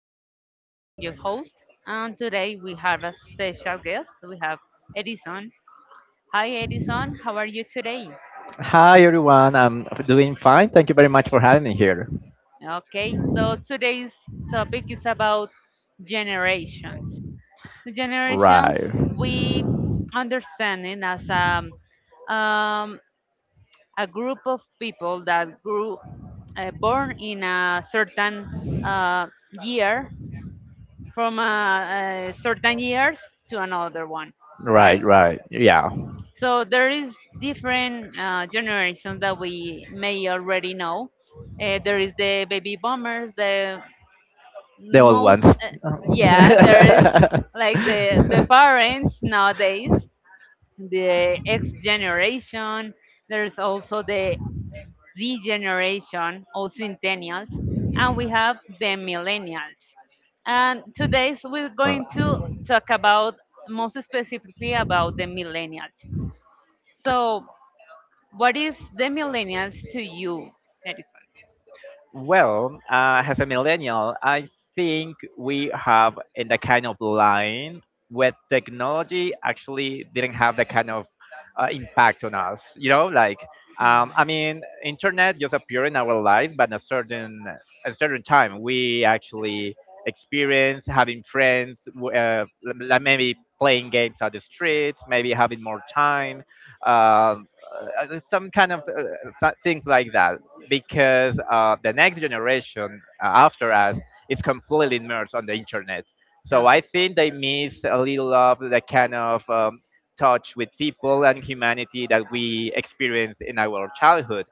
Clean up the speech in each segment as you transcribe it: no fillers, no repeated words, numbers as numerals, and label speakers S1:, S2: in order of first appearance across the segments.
S1: Catherine Puerto, I'm your host, and today we have a special guest. We have Edison. Hi, Edison, how are you today?
S2: Hi everyone, I'm doing fine. Thank you very much for having me here.
S1: Okay, so today's topic is about generations. The generations
S2: Right.
S1: we understand it as um, a group of people that grew born in a certain year from a certain years to another one,
S2: Right,
S1: right?
S2: right. Yeah.
S1: So there is different generations that we may already know. There is the baby boomers, the
S2: The old ones.
S1: most, yeah, there is like the parents nowadays, the X generation. There is also the Z generation or centennials, and we have the millennials. And today so we're going to talk about most specifically about the millennials. So, what is the millennials to you?
S2: Well, as a millennial, I think we have in the kind of line where technology actually didn't have the kind of impact on us. Like I mean, internet just appeared in our lives, but in a certain time, we actually experience having friends, like maybe playing games on the streets, maybe having more time, uh, some kind of things like that because the next generation after us is completely immersed on the internet, so I think they miss a little of the kind of touch with people and humanity that we experienced in our childhood.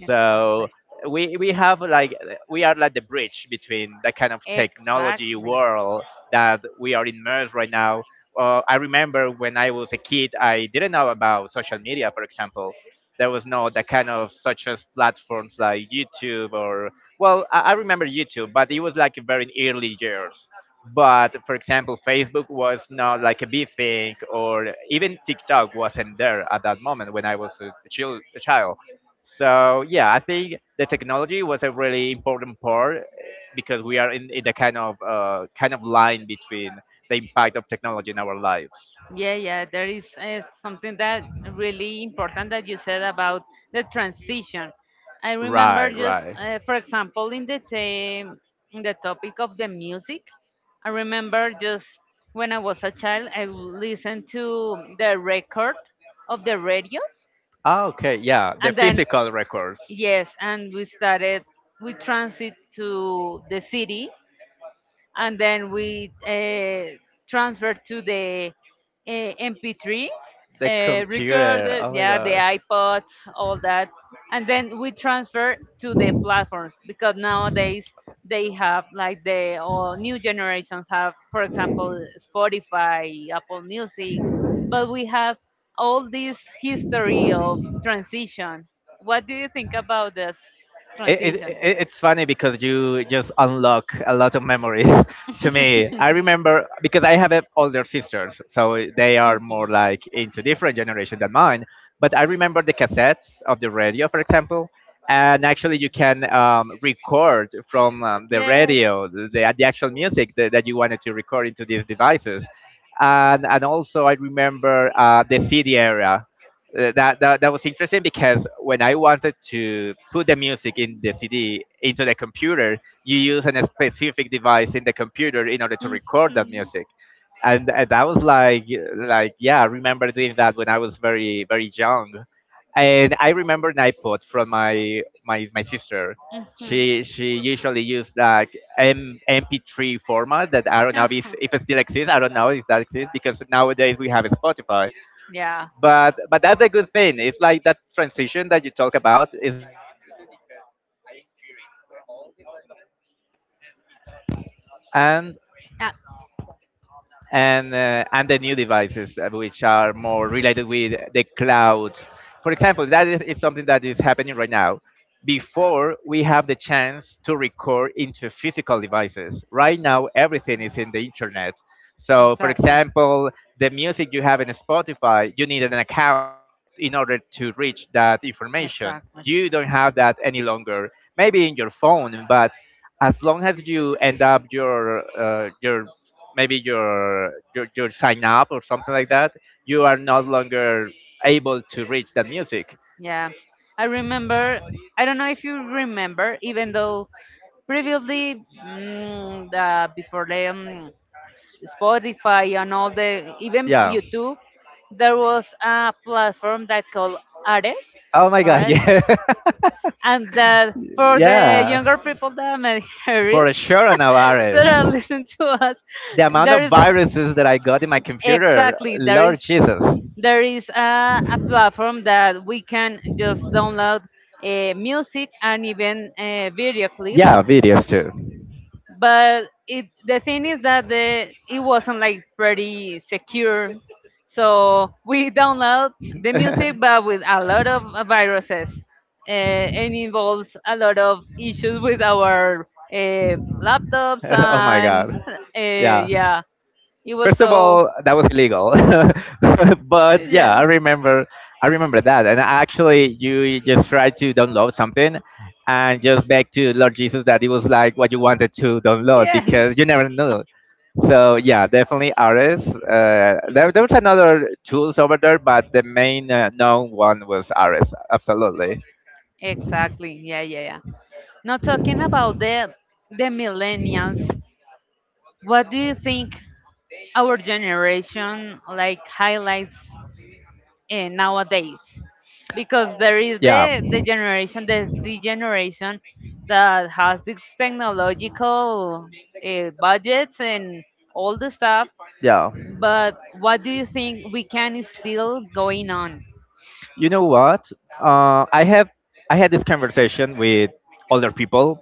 S1: Yeah. Exactly.
S2: we have like we are like the bridge between the kind of technology
S1: Exactly.
S2: world that we are immersed right now. I remember when I was a kid, I didn't know about social media, for example. There was no that kind of such as platforms like YouTube, or well, I remember YouTube, but it was like very early years. But for example, Facebook was not like a big thing, or even TikTok wasn't there at that moment when I was a child. So yeah, I think the technology was a
S1: A really
S2: really
S1: important
S2: important
S1: part.
S2: part, because we are in the kind of line between the impact of technology in our lives.
S1: Yeah, yeah, there is something that really important that you said about the transition. I remember
S2: Right,
S1: just,
S2: right.
S1: for example, in the topic of the music, I remember just when I was a child, I listened to the record of the radios,
S2: Ah, okay, yeah, the
S1: and then
S2: physical records.
S1: yes, and we started, we transit to the city and then we transfer to the MP3
S2: The computer.
S1: recorder,
S2: Oh my
S1: yeah, the
S2: god.
S1: iPods, all that, and then we transfer to the platforms because nowadays they have like the or new generations have, for example, Spotify, Apple Music, but we have all this history of transition. What do you think about this transition?
S2: It's funny because you just unlock a lot of memories to me. I remember because I have a older sisters, so they are
S1: Mhm. Yes.
S2: more like into different generation than mine. But I remember the cassettes of the radio, for example, and actually you can record from the radio the actual music that you wanted to record into these devices. And also I
S1: I
S2: remember the
S1: the
S2: CD era, that was interesting because when I wanted to put the music in the CD into the computer, you use a specific device in the computer in order to
S1: Mhm.
S2: record that music, and that was like yeah, I remember doing that when I was very very young, and I remember an iPod from my sister. She usually used like M MP3 format that I don't know if it still exists. I don't know if that exists because nowadays we have Spotify,
S1: Yeah.
S2: but that's a good thing. It's like that transition that you talk about is like interesting because I experienced the old devices, and and the new devices, which are more related with the cloud. For example, that is something that is happening right now. Before we have the chance to record into physical devices,
S1: Uh,
S2: right now everything is in the internet. So, for example, the music you have in Spotify, you need an account in order to reach that information.
S1: exactly.
S2: You don't have that any longer. Maybe in your phone, but as long as you end up your maybe your sign up or something like that, you are no longer able to reach that music.
S1: Yeah, I remember. I don't know if you remember, even though previously, before them. Spotify and all the even
S2: Yeah.
S1: YouTube, there was a platform that called Ares,
S2: Oh my god,
S1: Ares,
S2: yeah.
S1: and that for the
S2: yeah.
S1: younger people that may hear
S2: For
S1: us,
S2: sure, Navarez.
S1: that are listening to us,
S2: The amount
S1: there
S2: of
S1: is
S2: viruses that I got in my computer,
S1: exactly
S2: Lord Jesus.
S1: there is a platform that we can just download music and even video clips
S2: Yeah, videos too.
S1: but it the thing is that the it wasn't like pretty secure so we download the music but with a lot of viruses and involves a lot of issues with our laptops
S2: oh my
S1: and
S2: god. Yeah.
S1: yeah it was
S2: First of
S1: so
S2: all, that was illegal. But yeah,
S1: yeah
S2: I remember that. And actually you just tried to download something and just beg to Lord Jesus that it was like what you wanted to download because you never knew. So yeah, definitely RS. There
S1: yes
S2: was another tools over there, but the main known one was RS. Absolutely.
S1: exactly. Yeah, yeah, yeah. Now talking about the millennials, what do you think our generation like highlights nowadays?
S2: Uh,
S1: Because there is
S2: yeah.
S1: the generation, the Z generation, that has this technological budgets and all the stuff.
S2: Yeah.
S1: But what do you think we can still going on?
S2: You know what? Uh, I have I had this conversation with older people,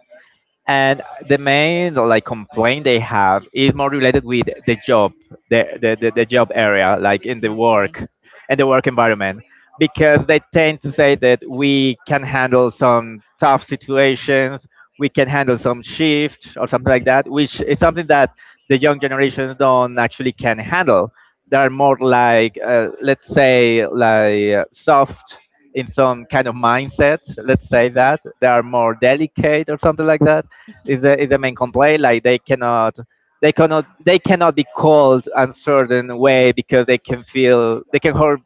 S2: and the main like complaint they have is more related with the job, the job area like in the
S1: Okay.
S2: work and the work environment, because they tend
S1: We
S2: to say that we can
S1: can handle
S2: handle
S1: handle.
S2: some tough
S1: Some
S2: situations, we can handle some shifts or something like
S1: like that.
S2: that, which is
S1: that
S2: something
S1: that
S2: that
S1: something the
S2: the young
S1: the they
S2: generations don't actually can
S1: are
S2: handle. They are more
S1: more
S2: like
S1: let's
S2: let's say like
S1: say
S2: soft in some kind of mindset, let's say that they are more delicate or something like that, is the main complaint. Like they cannot be called a certain way because they can feel, they can hurt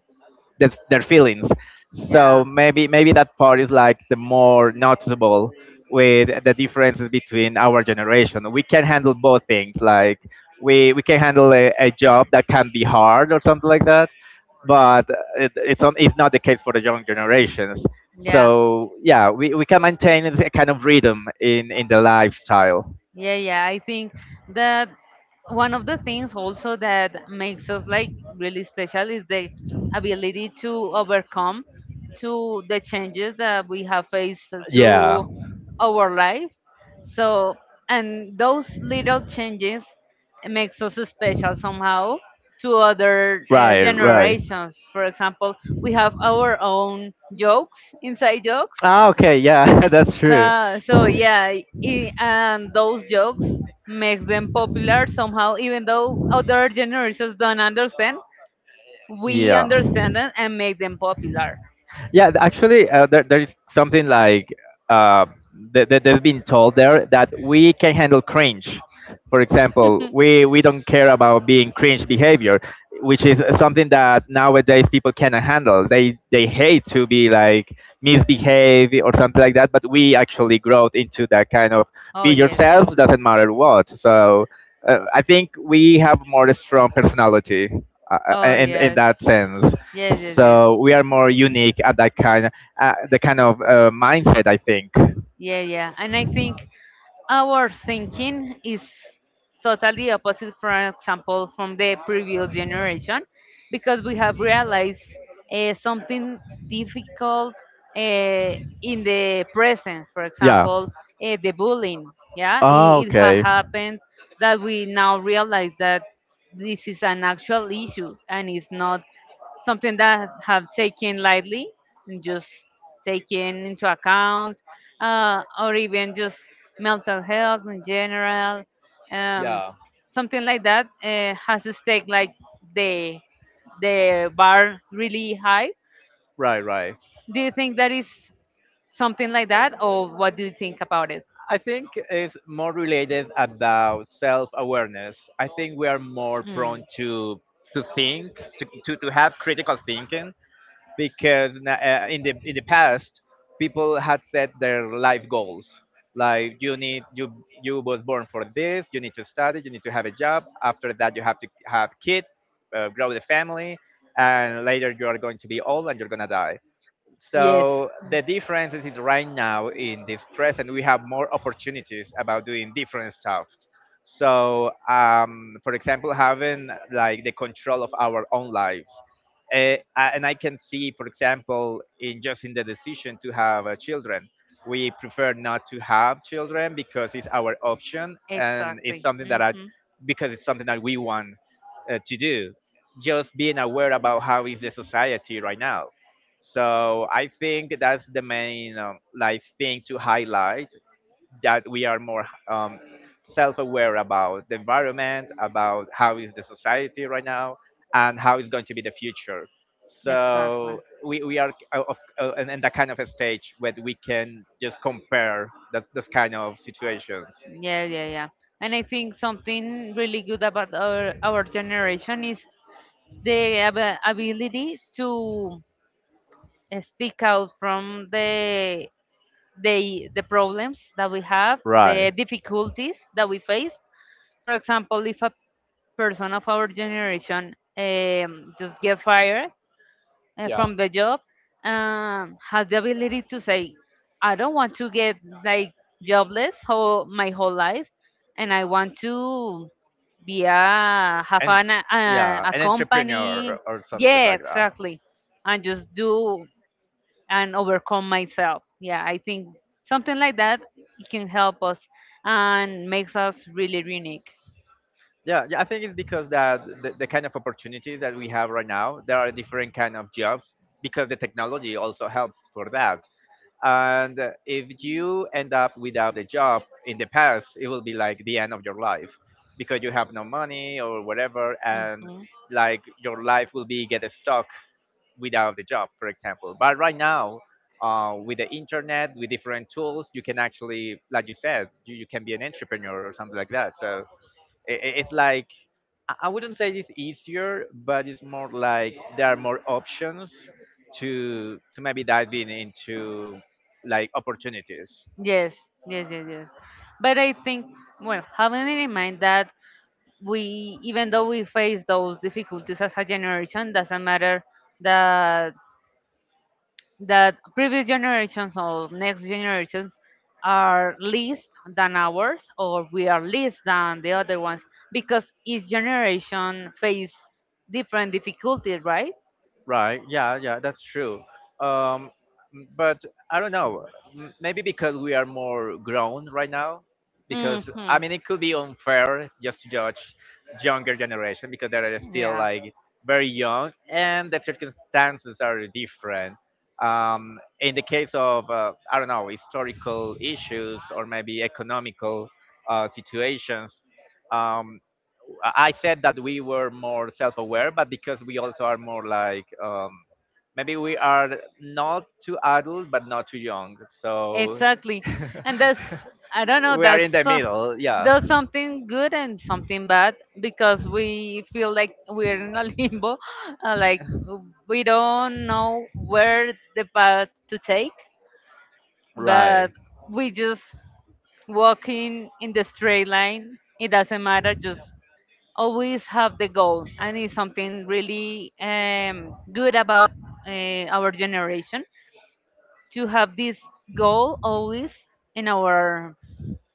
S2: their feelings. So maybe that part is like the more noticeable with the differences between our generation. We can handle both things. Like we can handle a job that can be hard or something like that, but it's not the case for the young generations.
S1: yeah. Yeah.
S2: So yeah, we can maintain a kind of rhythm in the lifestyle.
S1: Yeah, yeah. I think that one of the things also that makes us like really special is the ability to overcome to the changes that we have faced
S2: Yeah.
S1: through our life. So, and those little changes makes us special somehow to other
S2: Right, right.
S1: generations. For example, we have our own jokes, inside jokes,
S2: Ah, okay, yeah, that's true.
S1: so, so yeah, I and those jokes makes them popular somehow, even though other generations don't understand. We
S2: Yeah.
S1: understand them and make them popular.
S2: Yeah, actually, there is something like uh, they've been told there that we can handle cringe. For example, we don't care about being cringe behavior, which is something that nowadays people cannot handle. They hate to be like misbehave or something like that. But we actually grow into that kind of
S1: Oh
S2: be
S1: yes.
S2: yourself doesn't matter what. So I think we have more strong personality, uh,
S1: Oh
S2: in
S1: yes.
S2: that sense.
S1: Yes, yes,
S2: So we are more unique at that kind, the kind of
S1: yes.
S2: mindset, I think.
S1: Yeah, yeah. And I think our thinking is totally opposite, for example, from the previous generation, because we have realized something difficult uh, in the present. For
S2: Yeah.
S1: example, the bullying. Yeah,
S2: Oh,
S1: it has
S2: okay.
S1: happened that we now realize that this is an actual issue and it's not something that have taken lightly and just taken into account, or even just mental health in general, um,
S2: Yeah.
S1: something like that has to stake like the the bar really high.
S2: Right, right.
S1: Do you think that is something like that, or what do you think about it?
S2: I think it's more related about self-awareness. I think we are more
S1: Mm.
S2: prone to think, to have critical thinking, because in the past people had set their life goals like you need you you was born for this, you need to study, you need to have a job, after that you have to have kids, grow the family, and later you are going to be old and you're going to die.
S1: Yes.
S2: So the difference is right now in this present we have more opportunities about doing different stuff. So, for example, having like the control of our own lives. And I can see, for example, in just in the decision to have children. We prefer not to have children because it's our option and it's
S1: Exactly.
S2: something that
S1: Hmm.
S2: because it's something that we want to do. Just being aware about how is the society right now, so I think that's the main like thing to highlight, that we are more self-aware about the environment, about how is the society right now, and how is going to be the future.
S1: Exactly.
S2: So we are in that kind of a stage where we can just compare that those kind of situations.
S1: Yeah, yeah, yeah. And I think something really good about our generation is ability to stick out from the problems that we have, the
S2: Right.
S1: difficulties that we face. For example, if a person of our generation just get fired,
S2: Yeah,
S1: from the job has the ability to say, I don't want to get like jobless whole, my whole life, and I want to be a have
S2: and
S1: an,
S2: yeah,
S1: a
S2: an entrepreneur,
S1: company.
S2: or something
S1: Yeah,
S2: like that.
S1: exactly, and just do and overcome myself. Yeah, I think something like that it can help us and makes us really unique.
S2: Yeah, yeah, I
S1: Because
S2: think it's
S1: because
S2: because that the kind
S1: the
S2: of opportunities that we have
S1: of
S2: right
S1: that have.
S2: now, there are different kind of jobs because the technology also helps for that, and
S1: And
S2: if
S1: you
S2: you
S1: end
S2: end up without a job in the past it will be like the end of your life because you have no money or whatever, and
S1: life,
S2: like your life will be get stuck without the job, for example. But right now, with the internet, with different tools, you can actually like you said, you can be an entrepreneur or something like that. So
S1: it's
S2: it's like I wouldn't say it's easier, but it's more like there are more options to maybe
S1: to
S2: diving into like opportunities.
S1: yes, yes, yes, yes. But I think, well, having in mind that we, even though we face those difficulties as a generation, doesn't matter that that previous generations or next generations are less than ours or we are less than the other ones because each generation face different difficulties right
S2: Right. Yeah. Yeah. That's true. Um, but I don't know. Maybe because we are more grown right now. Because I
S1: hmm.
S2: mean, it could be unfair just to judge younger generation because they are still
S1: Yeah.
S2: like very young and the circumstances are different. In the case of I don't know, historical issues or maybe economical situations, um, I said that we were more self-aware, but because we also are more like maybe
S1: Maybe we
S2: we
S1: are
S2: are
S1: not too
S2: not
S1: adult,
S2: too adult
S1: but
S2: but
S1: not
S2: not too
S1: too young.
S2: young,
S1: So
S2: so
S1: exactly. And that's, I don't know,
S2: we
S1: there
S2: are
S1: that's
S2: in
S1: is a
S2: the
S1: so, middle.
S2: middle.
S1: Yeah.
S2: Yeah,
S1: There's something good and something bad because we feel like we're in a limbo. Like we don't know where the path to take, but
S2: right.
S1: we just walking in the straight line. It doesn't matter. Just always have the goal and it's something really good about our generation to have this goal always in our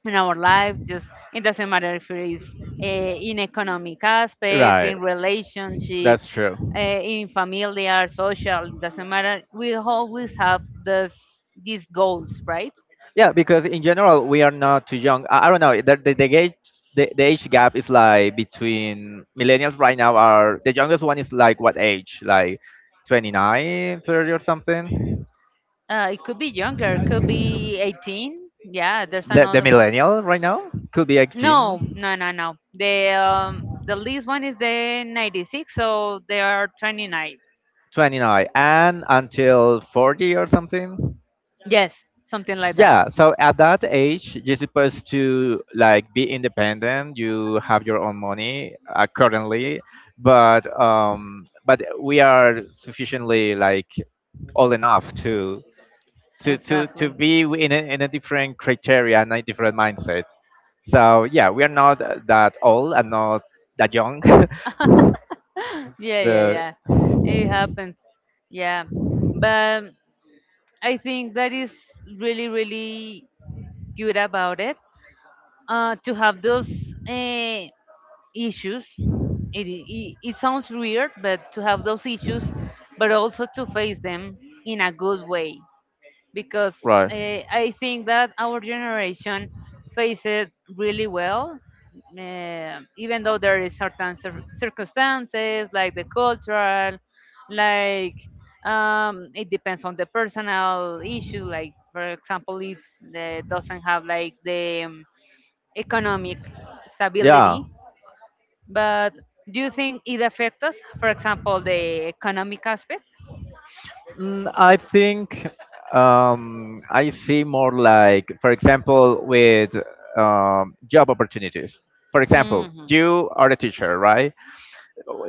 S1: in our lives just it doesn't matter if it is uh, in economic aspect
S2: Right,
S1: in
S2: that's
S1: relationships
S2: true.
S1: in familiar social it doesn't matter we always have this these goals right.
S2: Yeah, because in general we are not too young. I don't know. The age the age gap is like between millennials right now are the youngest one is like what age? Like 29, 30 or something.
S1: It could be younger, could be 18. Yeah, there's
S2: The
S1: another one.
S2: millennial right now could be X
S1: No,
S2: gene.
S1: no, no, no. The the least one is the 96, so they are 29.
S2: 29 and until 40 or something.
S1: Yes, something like that.
S2: Yeah, so at that age, you're supposed to like be independent. You have your own money, currently, but we are sufficiently like old enough to
S1: Exactly.
S2: be in in a different criteria and a different mindset. So yeah, we are not that old and not that young.
S1: Yeah, yeah,
S2: so
S1: yeah. It happens. Yeah. But I think that is really, really good about it. To have those uh, issues. It sounds weird, but to have those issues, but also to face them in a good way. Because
S2: right,
S1: uh, I think that our generation face it really well, even though there is certain circumstances like the cultural, like it depends on the personal issue. Like for example, if the doesn't have like the economic stability, but do you think it affects us, for example, the economic aspect?
S2: I think I see more like, for example, with job opportunities. For example,
S1: Hmm.
S2: you are a teacher, right?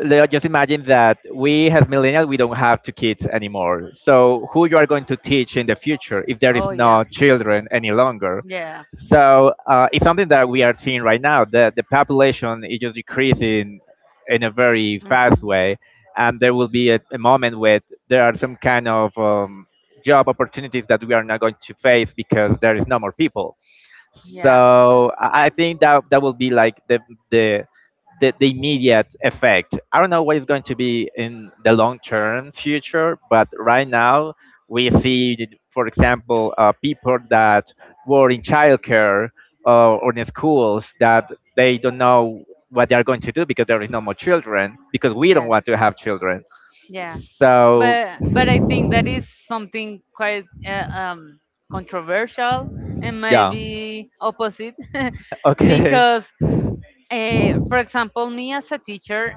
S2: Let just imagine that we as millennials we don't have two kids anymore, so who you are going to teach in the future if there is
S1: Oh, yeah.
S2: no children any longer?
S1: Yeah.
S2: So it's something that we are seeing right now, that the population is just decreasing in a very fast
S1: Mhm.
S2: way, and there will be a moment where there are some kind of job opportunities that we are not going to face because there is no more people.
S1: Yeah.
S2: So I think that that will be like the the immediate effect. I don't know what is going to be in the long term future, but right now we see that, for example, people that were in childcare or in schools, that they don't know what they are going to do, because there is no more children, because we don't
S1: Yes.
S2: want to have children.
S1: Yeah.
S2: So.
S1: But I think that is something quite controversial and
S2: Yeah.
S1: maybe opposite
S2: Okay.
S1: because, for example, me as a teacher,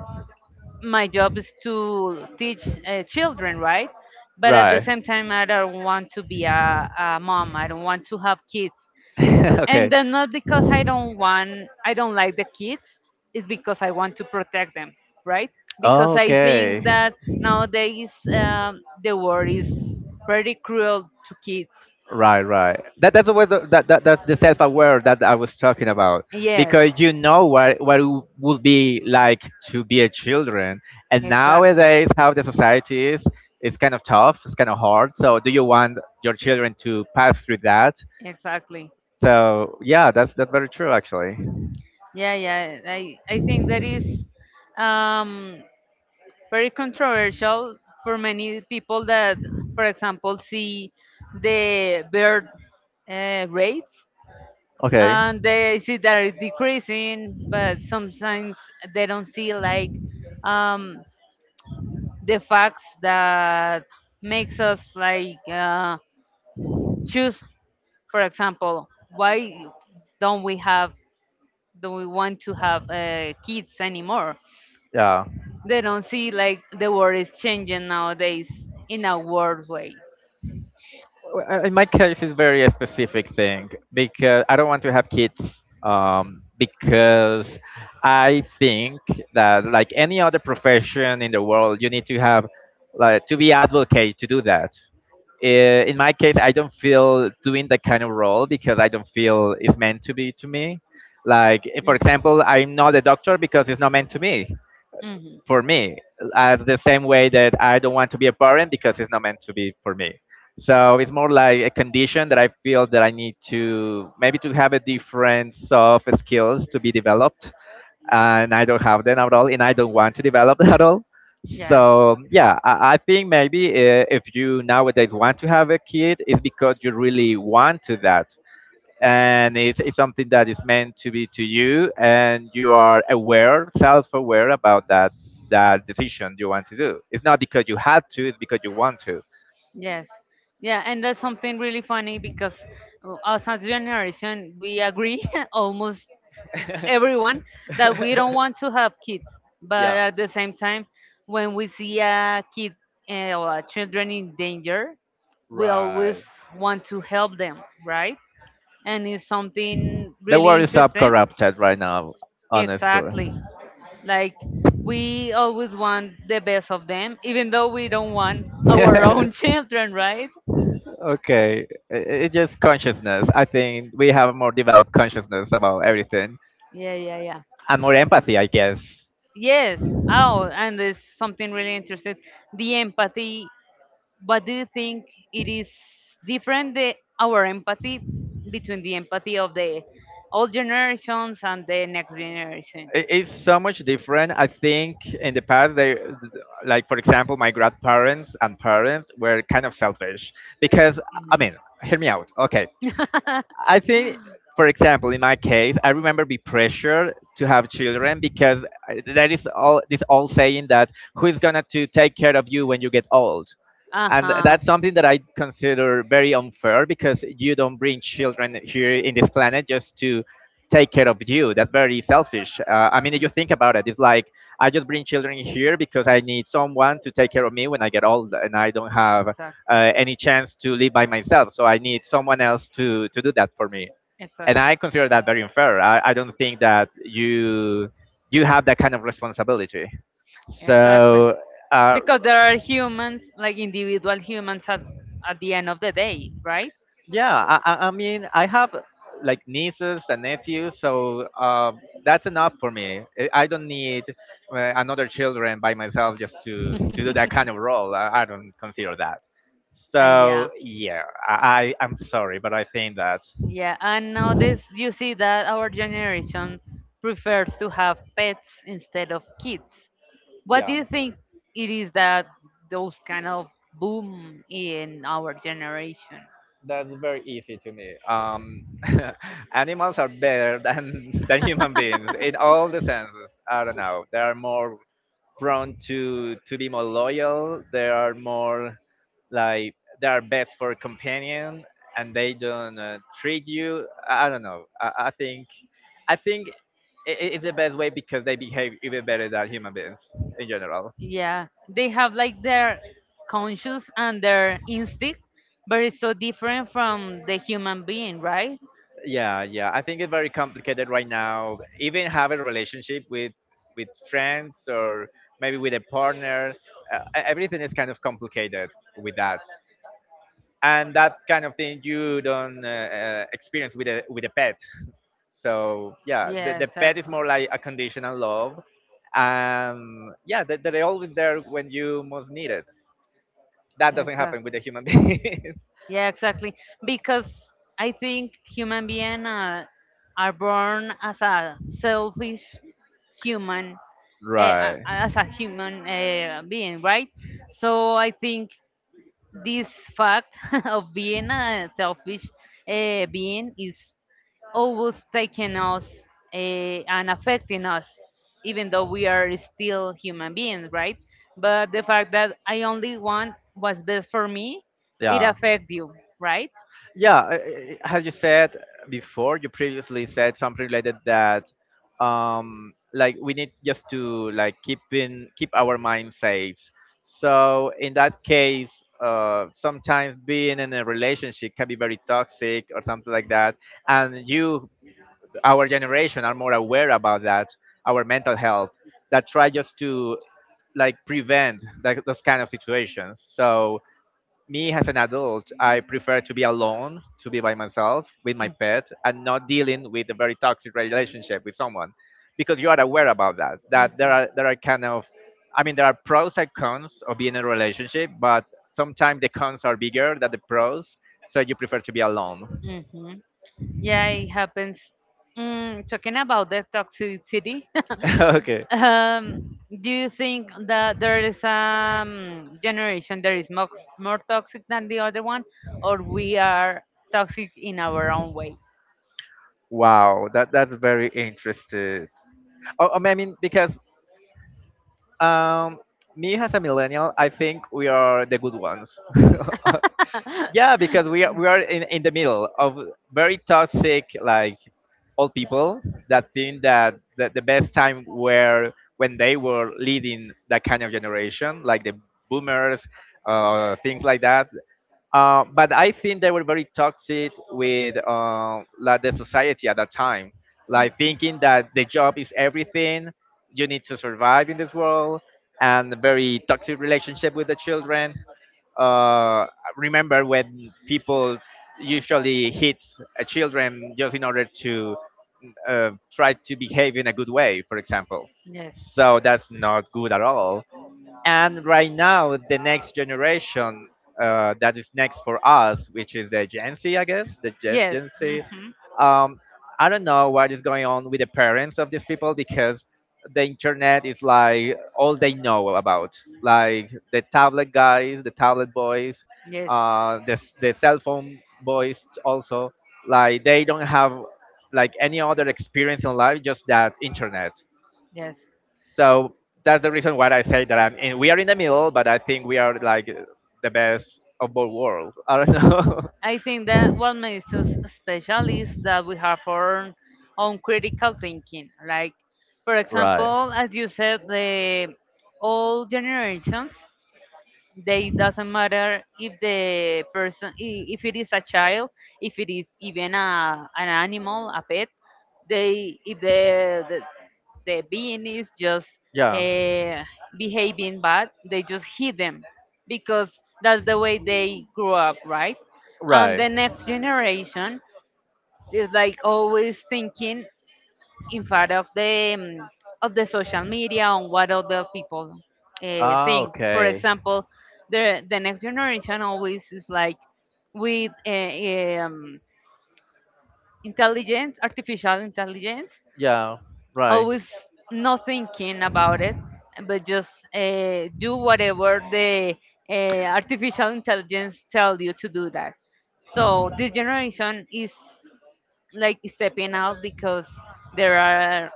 S1: my job is to teach children, right? But at the
S2: Right.
S1: same time, I don't want to be a mom. I don't want to have kids
S2: Okay.
S1: and then not because I don't want I don't like the kids it's because I want to protect them right because I
S2: Okay.
S1: think that nowadays the world is pretty cruel to kids
S2: Right, right. That that's the self-aware that I was talking about,
S1: yes
S2: because you know what it would be like to be a children, and
S1: exactly
S2: nowadays how the society is, it's kind of tough, it's kind of hard. So, do you want your children to pass through that?
S1: exactly
S2: So, yeah, that's very true actually.
S1: yeah yeah I think that is um very controversial for many people that, for example, see the birth rates
S2: Okay.
S1: and they see that it's decreasing, but sometimes they don't see like um, the facts that makes us like choose, for example, why don't we have, do we want to have kids anymore?
S2: Yeah.
S1: They don't see like the world is changing nowadays in a world way.
S2: Well, in my case, it's very a specific thing because I don't want to have kids. Because I think that like any other profession in the world, you need to have like to be advocate to do that. In my case, I don't feel doing that kind of role because I don't feel it's meant to be to me. Like, for
S1: Mhm.
S2: example, I'm not a doctor because it's not meant to me
S1: Mhm.
S2: for me, as the same way that I don't want to be a parent because it's not meant to be for me. So it's more like a condition that I feel that I need to maybe to have a different soft skills to be developed, and I don't have them at all and I don't want to develop at all.
S1: Yes.
S2: So yeah, I think maybe if you nowadays want to have a kid, it's because you really want to that, and it's something that is meant to be to you and you are aware self-aware about that, that decision you want to do. It's not because you had to, it's because you want to.
S1: Yes. Yeah, and that's something really funny because us as generation, we agree, almost everyone, that we don't want to have kids. But
S2: Yeah.
S1: at the same time, when we see a kid or a children in danger, we always
S2: Right.
S1: want to help them, right? And it's something
S2: The
S1: really
S2: world is up
S1: interesting
S2: corrupted right now, honestly.
S1: exactly. Like we always want the best of them, even though we don't want our own children, right?
S2: Okay, it's just consciousness. I think we have more developed consciousness about everything
S1: Yeah, yeah, yeah.
S2: and more empathy, I guess.
S1: Yes. Oh, and there's something really interesting. The empathy. But do you think it is different the our empathy between the empathy of the old generations and the next generation?
S2: It's so much different. I think in the past, they, like for example, my grandparents and parents were kind of selfish because I mean, hear me out. Okay, I think, for example, in my case, I remember be pressured to have children because that is all this old saying that who is gonna to take care of you when you get old, and that's something that I consider very unfair, because you don't bring children here in this planet just to take care of you. That's very selfish. I mean, if you think about it, it's like I just bring children here because I need someone to take care of me when I get old, and I don't have
S1: Exactly.
S2: any chance to live by myself. So I need someone else to do that for me, and I consider that very unfair. I don't think that you have that kind of responsibility.
S1: Exactly.
S2: So. Uh,
S1: Because there are humans, like individual humans at the end of the day, right? Yeah, I
S2: yeah, I mean, I have like nieces and nephews, so that's enough for me. I don't need another children by myself just to do that kind of role. I don't consider that. So
S1: Yeah.
S2: yeah, I I'm sorry, but I think that
S1: Yeah, and nowadays you see that our generation prefers to have pets instead of kids. What do
S2: yeah,
S1: you think it is that those kind of boom in our generation?
S2: that's very easy to me. Animals are better than than human beings in all the senses. I don't know. They are more prone to be more loyal. They are more like they are best for companion, and they don't treat you. I don't know. I think it's the best way because they behave even better than human beings in general.
S1: Yeah, they have like their conscious and their instinct, but it's so different from the human being, right?
S2: Yeah, yeah. I think it's very complicated right now. Even having a relationship with friends or maybe with a partner, everything is kind of complicated with that. And that kind of thing you don't experience with a pet. So yeah,
S1: Yeah,
S2: the pet is
S1: exactly.
S2: more like a conditional love, and yeah, they, they're always there when you most need it. That doesn't happen
S1: Exactly.
S2: with a human being.
S1: Yeah, exactly. Because I think human beings are born as a selfish human,
S2: Right.
S1: as a human being, right? So I think this fact of being a selfish being is always taking us uh, and affecting us, even though we are still human beings, right? But the fact that I only want what's best for me, it
S2: Yeah.
S1: affects you, right?
S2: Yeah, as you said before, you previously said something related that, like we need just to like keep in keep our mind safe. So in that case, sometimes being in a relationship can be very toxic or something like that. And you, our generation, are more aware about that, our mental health, that try just to like prevent like those kind of situations. So me as an adult, I prefer to be alone, to be by myself with my pet, and not dealing with a very toxic relationship with someone, because you are aware about that. That there are kind of, I mean, there are pros and cons of being in a relationship, but sometimes the cons are bigger than the pros, so you prefer to be alone.
S1: Mhm. Mm-hmm. Yeah, it happens. Mm, talking about the toxicity,
S2: Okay.
S1: Um, do you think that there is generation that is more toxic than the other one, or we are toxic in our own way?
S2: Wow, that that's very interesting. Oh, oh, I mean, because um, me as a millennial, I think we are the good ones. Yeah, because we are we are in the middle of very toxic like old people that think that, that the best time were when they were leading that kind of generation, like the boomers, things like that. But I think they were very toxic with like the society at that time, like thinking that the job is everything, you need to survive in this world, and very toxic relationship with the children. uh, Remember when people usually hit children just in order to try to behave in a good way, for example.
S1: Yes.
S2: So that's not good at all. And right now the next generation that is next for us, which is the gen Z, I guess, the
S1: Yes.
S2: gen Z,
S1: Hmm.
S2: um, I don't know what is going on with the parents of these people, because the internet is like all they know about, like the tablet guys, the tablet boys,
S1: Yes.
S2: the cell phone boys also, like they don't have like any other experience in life, just that internet.
S1: Yes,
S2: So that's the reason why I say that I'm in, we are in the middle, but I think we are like the best of both worlds. I don't know.
S1: I think that what makes us special is that we have our own critical thinking. Like, for
S2: Right.
S1: example, as you said, the old generations, they doesn't matter if the person if it is a child, if it is even an animal, a pet. They, if the being is just
S2: Yeah.
S1: uh, behaving bad, they just hit them because that's the way they grew up, right? And
S2: Right.
S1: the next generation is like always thinking in front of the social media on what other people
S2: Ah,
S1: think. For
S2: okay.
S1: example, the next generation always is like with intelligence, artificial intelligence,
S2: Yeah, right.
S1: always not thinking about it, but just do whatever the artificial intelligence tell you to do that. So this generation is like stepping out because there are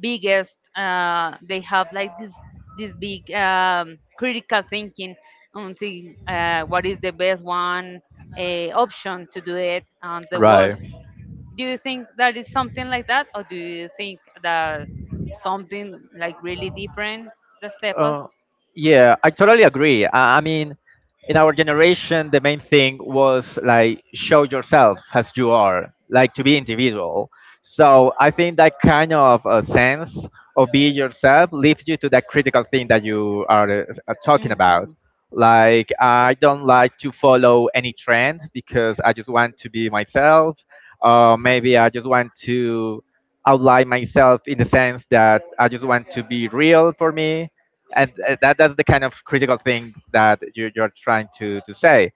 S1: biggest they have like this this big critical thinking on the what is the best one option to do it and the
S2: Right.
S1: worst. Do you think that is something like that, or do you think that something like really different, the steppers?
S2: Uh, yeah, I totally agree. I mean, in our generation, the main thing was like show yourself as you are, like to be individual. So I think that kind of sense of be yourself leads you to that critical thing that you are talking about.
S1: Hmm.
S2: Like I don't like to follow any trend because I just want to be myself, or maybe I just want to outline myself in the sense that I just want to be real for me, and that that's the kind of critical thing that you, you're trying to say.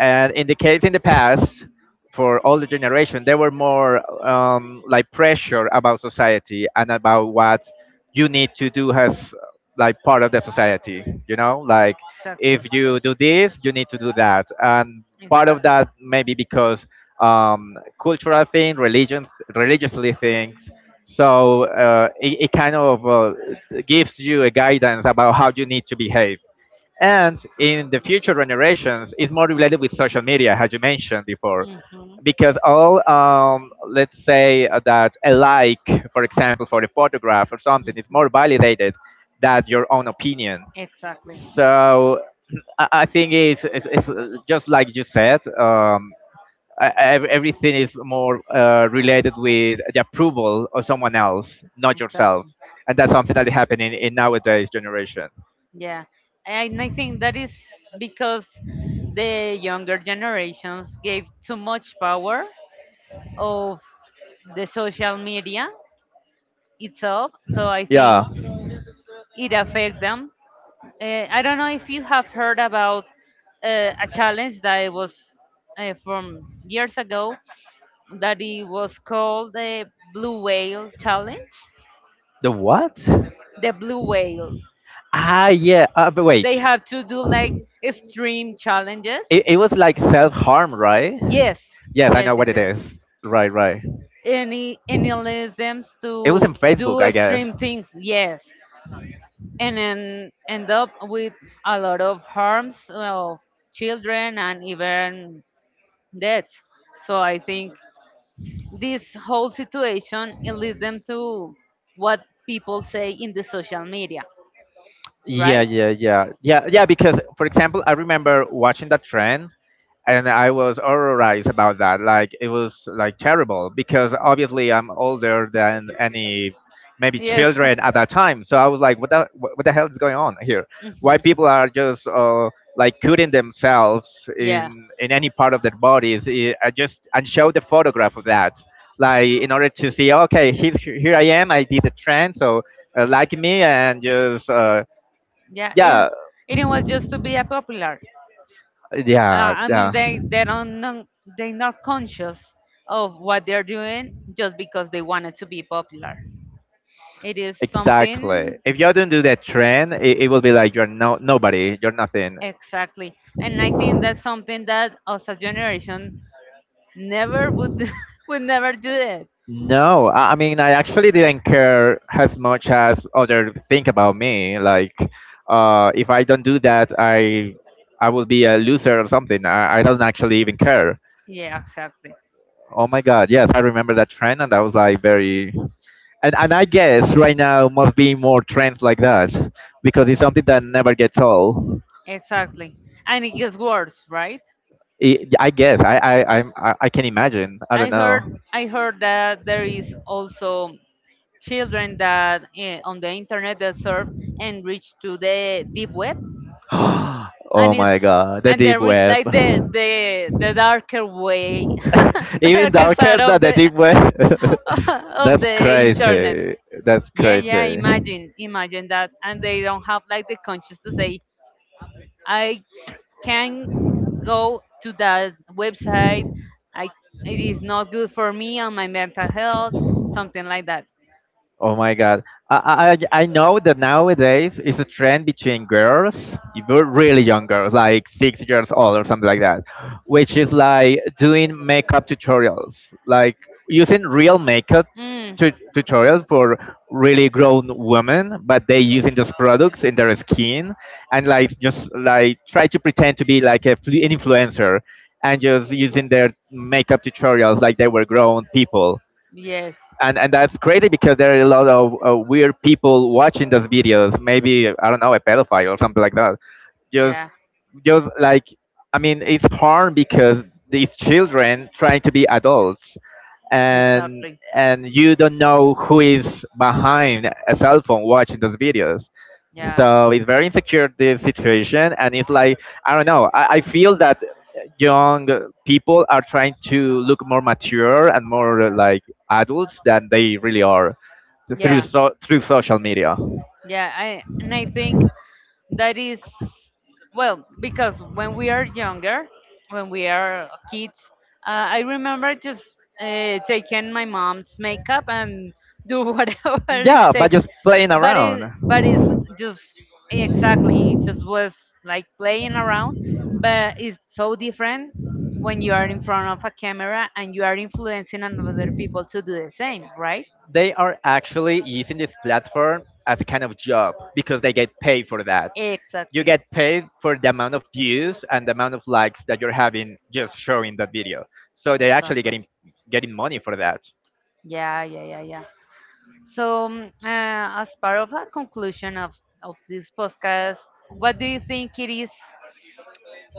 S2: And in the case in the past, for older generation, they were more like pressure about society and about what you need to do as like part of the society, you know, like
S1: Exactly.
S2: if you do this you need to do that, and part of
S1: Exactly.
S2: that maybe because um, cultural thing, religion, religiously things. So it, it kind of gives you a guidance about how you need to behave, and in the future generations it's more related with social media, as you mentioned before,
S1: Mhm.
S2: because all let's say that a like for example for a photograph or something is more
S1: Mhm.
S2: validated than your own opinion.
S1: Exactly.
S2: So I think it's just like you said, everything is more related with the approval of someone else, not yourself,
S1: Exactly.
S2: and that's something that is happening in nowadays generation.
S1: Yeah. And I think that is because the younger generations gave too much power of the social media itself. So I
S2: Yeah,
S1: think it affect them. I don't know if you have heard about a challenge that was from years ago that it was called the blue whale challenge.
S2: the what?
S1: The blue whale.
S2: Ah, yeah. But wait.
S1: They have to do like extreme challenges.
S2: It was like self harm, right?
S1: Yes,
S2: Yes, I
S1: yes,
S2: know
S1: yes,
S2: what it
S1: yes.
S2: is. Right, right.
S1: Any allows them
S2: It was in
S1: to
S2: Facebook,
S1: do
S2: I guess.
S1: extreme things. Yes, and then end up with a lot of harms of children and even. That's, so I think this whole situation it leads them to what people say in the social media,
S2: Yeah,
S1: right?
S2: yeah, yeah, yeah, yeah. Because, for example, I remember watching that trend and I was horrorized about that. Like it was like terrible because obviously I'm older than any maybe
S1: Yes.
S2: children at that time. So I was like, what the what the hell is going on here?
S1: Hmm.
S2: Why people are just like cutting themselves
S1: Yeah,
S2: in any part of their bodies? I just and show the photograph of that, like in order to see, okay, he's here I am. I did the trend, so like me and just
S1: yeah. It,
S2: yeah,
S1: it was just to be a popular.
S2: yeah,
S1: I mean,
S2: yeah.
S1: they don't know, they're not conscious of what they're doing just because they wanted to be popular. It is
S2: Exactly.
S1: something.
S2: If you don't do that trend, it will be like you're no nobody, you're nothing.
S1: Exactly. And I think that's something that us as generation never would would never do it.
S2: No, I mean I actually didn't care as much as other think about me. Like, if I don't do that, I will be a loser or something. I don't actually even care.
S1: Yeah, exactly.
S2: Oh my God, yes, I remember that trend, and that was like very. And I guess right now must be more trends like that because it's something that never gets old.
S1: Exactly. And it gets worse, right?
S2: I guess I can imagine. I don't
S1: I
S2: know.
S1: heard I heard that there is also children that eh, on the internet that surf and reach to the deep web,
S2: Oh
S1: and is,
S2: my god, the
S1: and they
S2: deep
S1: reach
S2: web.
S1: like the the the darker way the
S2: Even
S1: darker side
S2: darker than
S1: of
S2: the
S1: the
S2: deep web.
S1: of
S2: That's
S1: the internet.
S2: crazy. That's
S1: Yeah, yeah,
S2: crazy.
S1: imagine, imagine that. And they don't have like the conscience to say, I can go to that website. I, it is not good for me on my mental health, something like that.
S2: Oh my God. I know that nowadays it's a trend between girls, if you're really young girls, like 6 years old or something like that, which is like doing makeup tutorials, like using real makeup
S1: Mm.
S2: tutorials for really grown women, but they using those products in their skin and like just like try to pretend to be like a, an influencer and just using their makeup tutorials like they were grown people
S1: Yes.
S2: and that's crazy because there are a lot of weird people watching those videos. Maybe I don't know a pedophile or something like that. Just
S1: Yeah.
S2: just like I mean, it's hard because these children trying to be adults and
S1: Exactly.
S2: and you don't know who is behind a cell phone watching those videos,
S1: Yeah.
S2: so it's very insecure this situation and it's like I don't know I feel that young people are trying to look more mature and more like adults than they really are through
S1: Yeah.
S2: through social media,
S1: Yeah, I and I think that is, well, because when we are younger, when we are kids, I remember just taking my mom's makeup and do whatever it
S2: yeah, by
S1: takes.
S2: just playing
S1: But
S2: around.
S1: it, but it's just, exactly, it just was like playing around, but it's so different when you are in front of a camera and you are influencing another people to do the same, right?
S2: They are actually using this platform as a kind of job because they get paid for that. You
S1: Exactly.
S2: get paid for the amount of views and the amount of likes that you're having just showing the video. So they're actually
S1: Exactly.
S2: getting money for that.
S1: Yeah, yeah, yeah, yeah. So, as part of a conclusion of this podcast, what do you think it is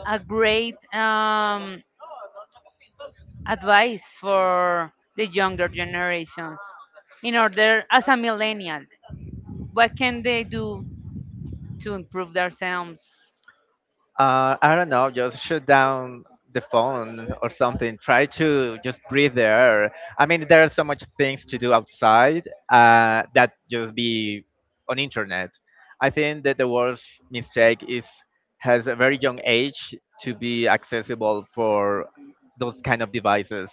S1: a great advice for the younger generations in order as a millennial? What can they do to improve themselves?
S2: I don't know, just shut down the phone or something. Try to just breathe the air. I mean, there are so much things to do outside that just be on internet. I think that the worst mistake is has a very young age to be accessible for those kind of devices.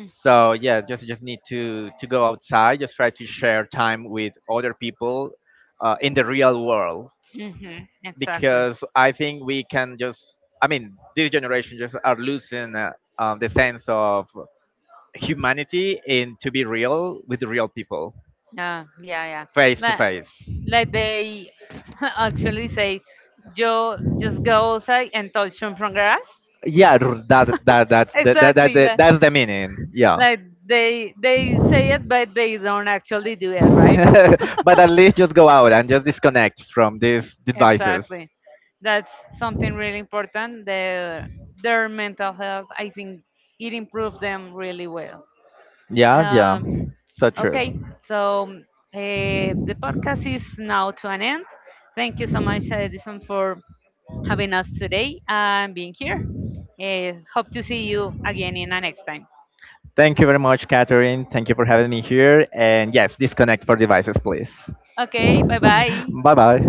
S2: So yeah, just need to go outside. Just try to share time with other people in the real world
S1: Mm. Mhm. Exactly.
S2: because I think we can just, I mean, this generation just are losing the sense of humanity and to be real with the real people,
S1: Yeah, yeah, yeah.
S2: face to
S1: Like,
S2: face.
S1: like they actually say, you just go outside and touch some from grass.
S2: Yeah, that that that that, that, that,
S1: Exactly.
S2: that that's the meaning. Yeah.
S1: Like they say it, but they don't actually do it, right?
S2: But at least just go out and just disconnect from these devices.
S1: Exactly. That's something really important. Their mental health, I think, it improved them really well.
S2: Yeah, yeah,
S1: Um,
S2: so true.
S1: okay, so the podcast is now to an end. Thank you so much, Edison, for having us today and being here. Eh, hope to see you again in the next time.
S2: Thank you very much, Catherine. Thank you for having me here. And yes, disconnect for devices, please.
S1: Okay, bye bye.
S2: Bye bye.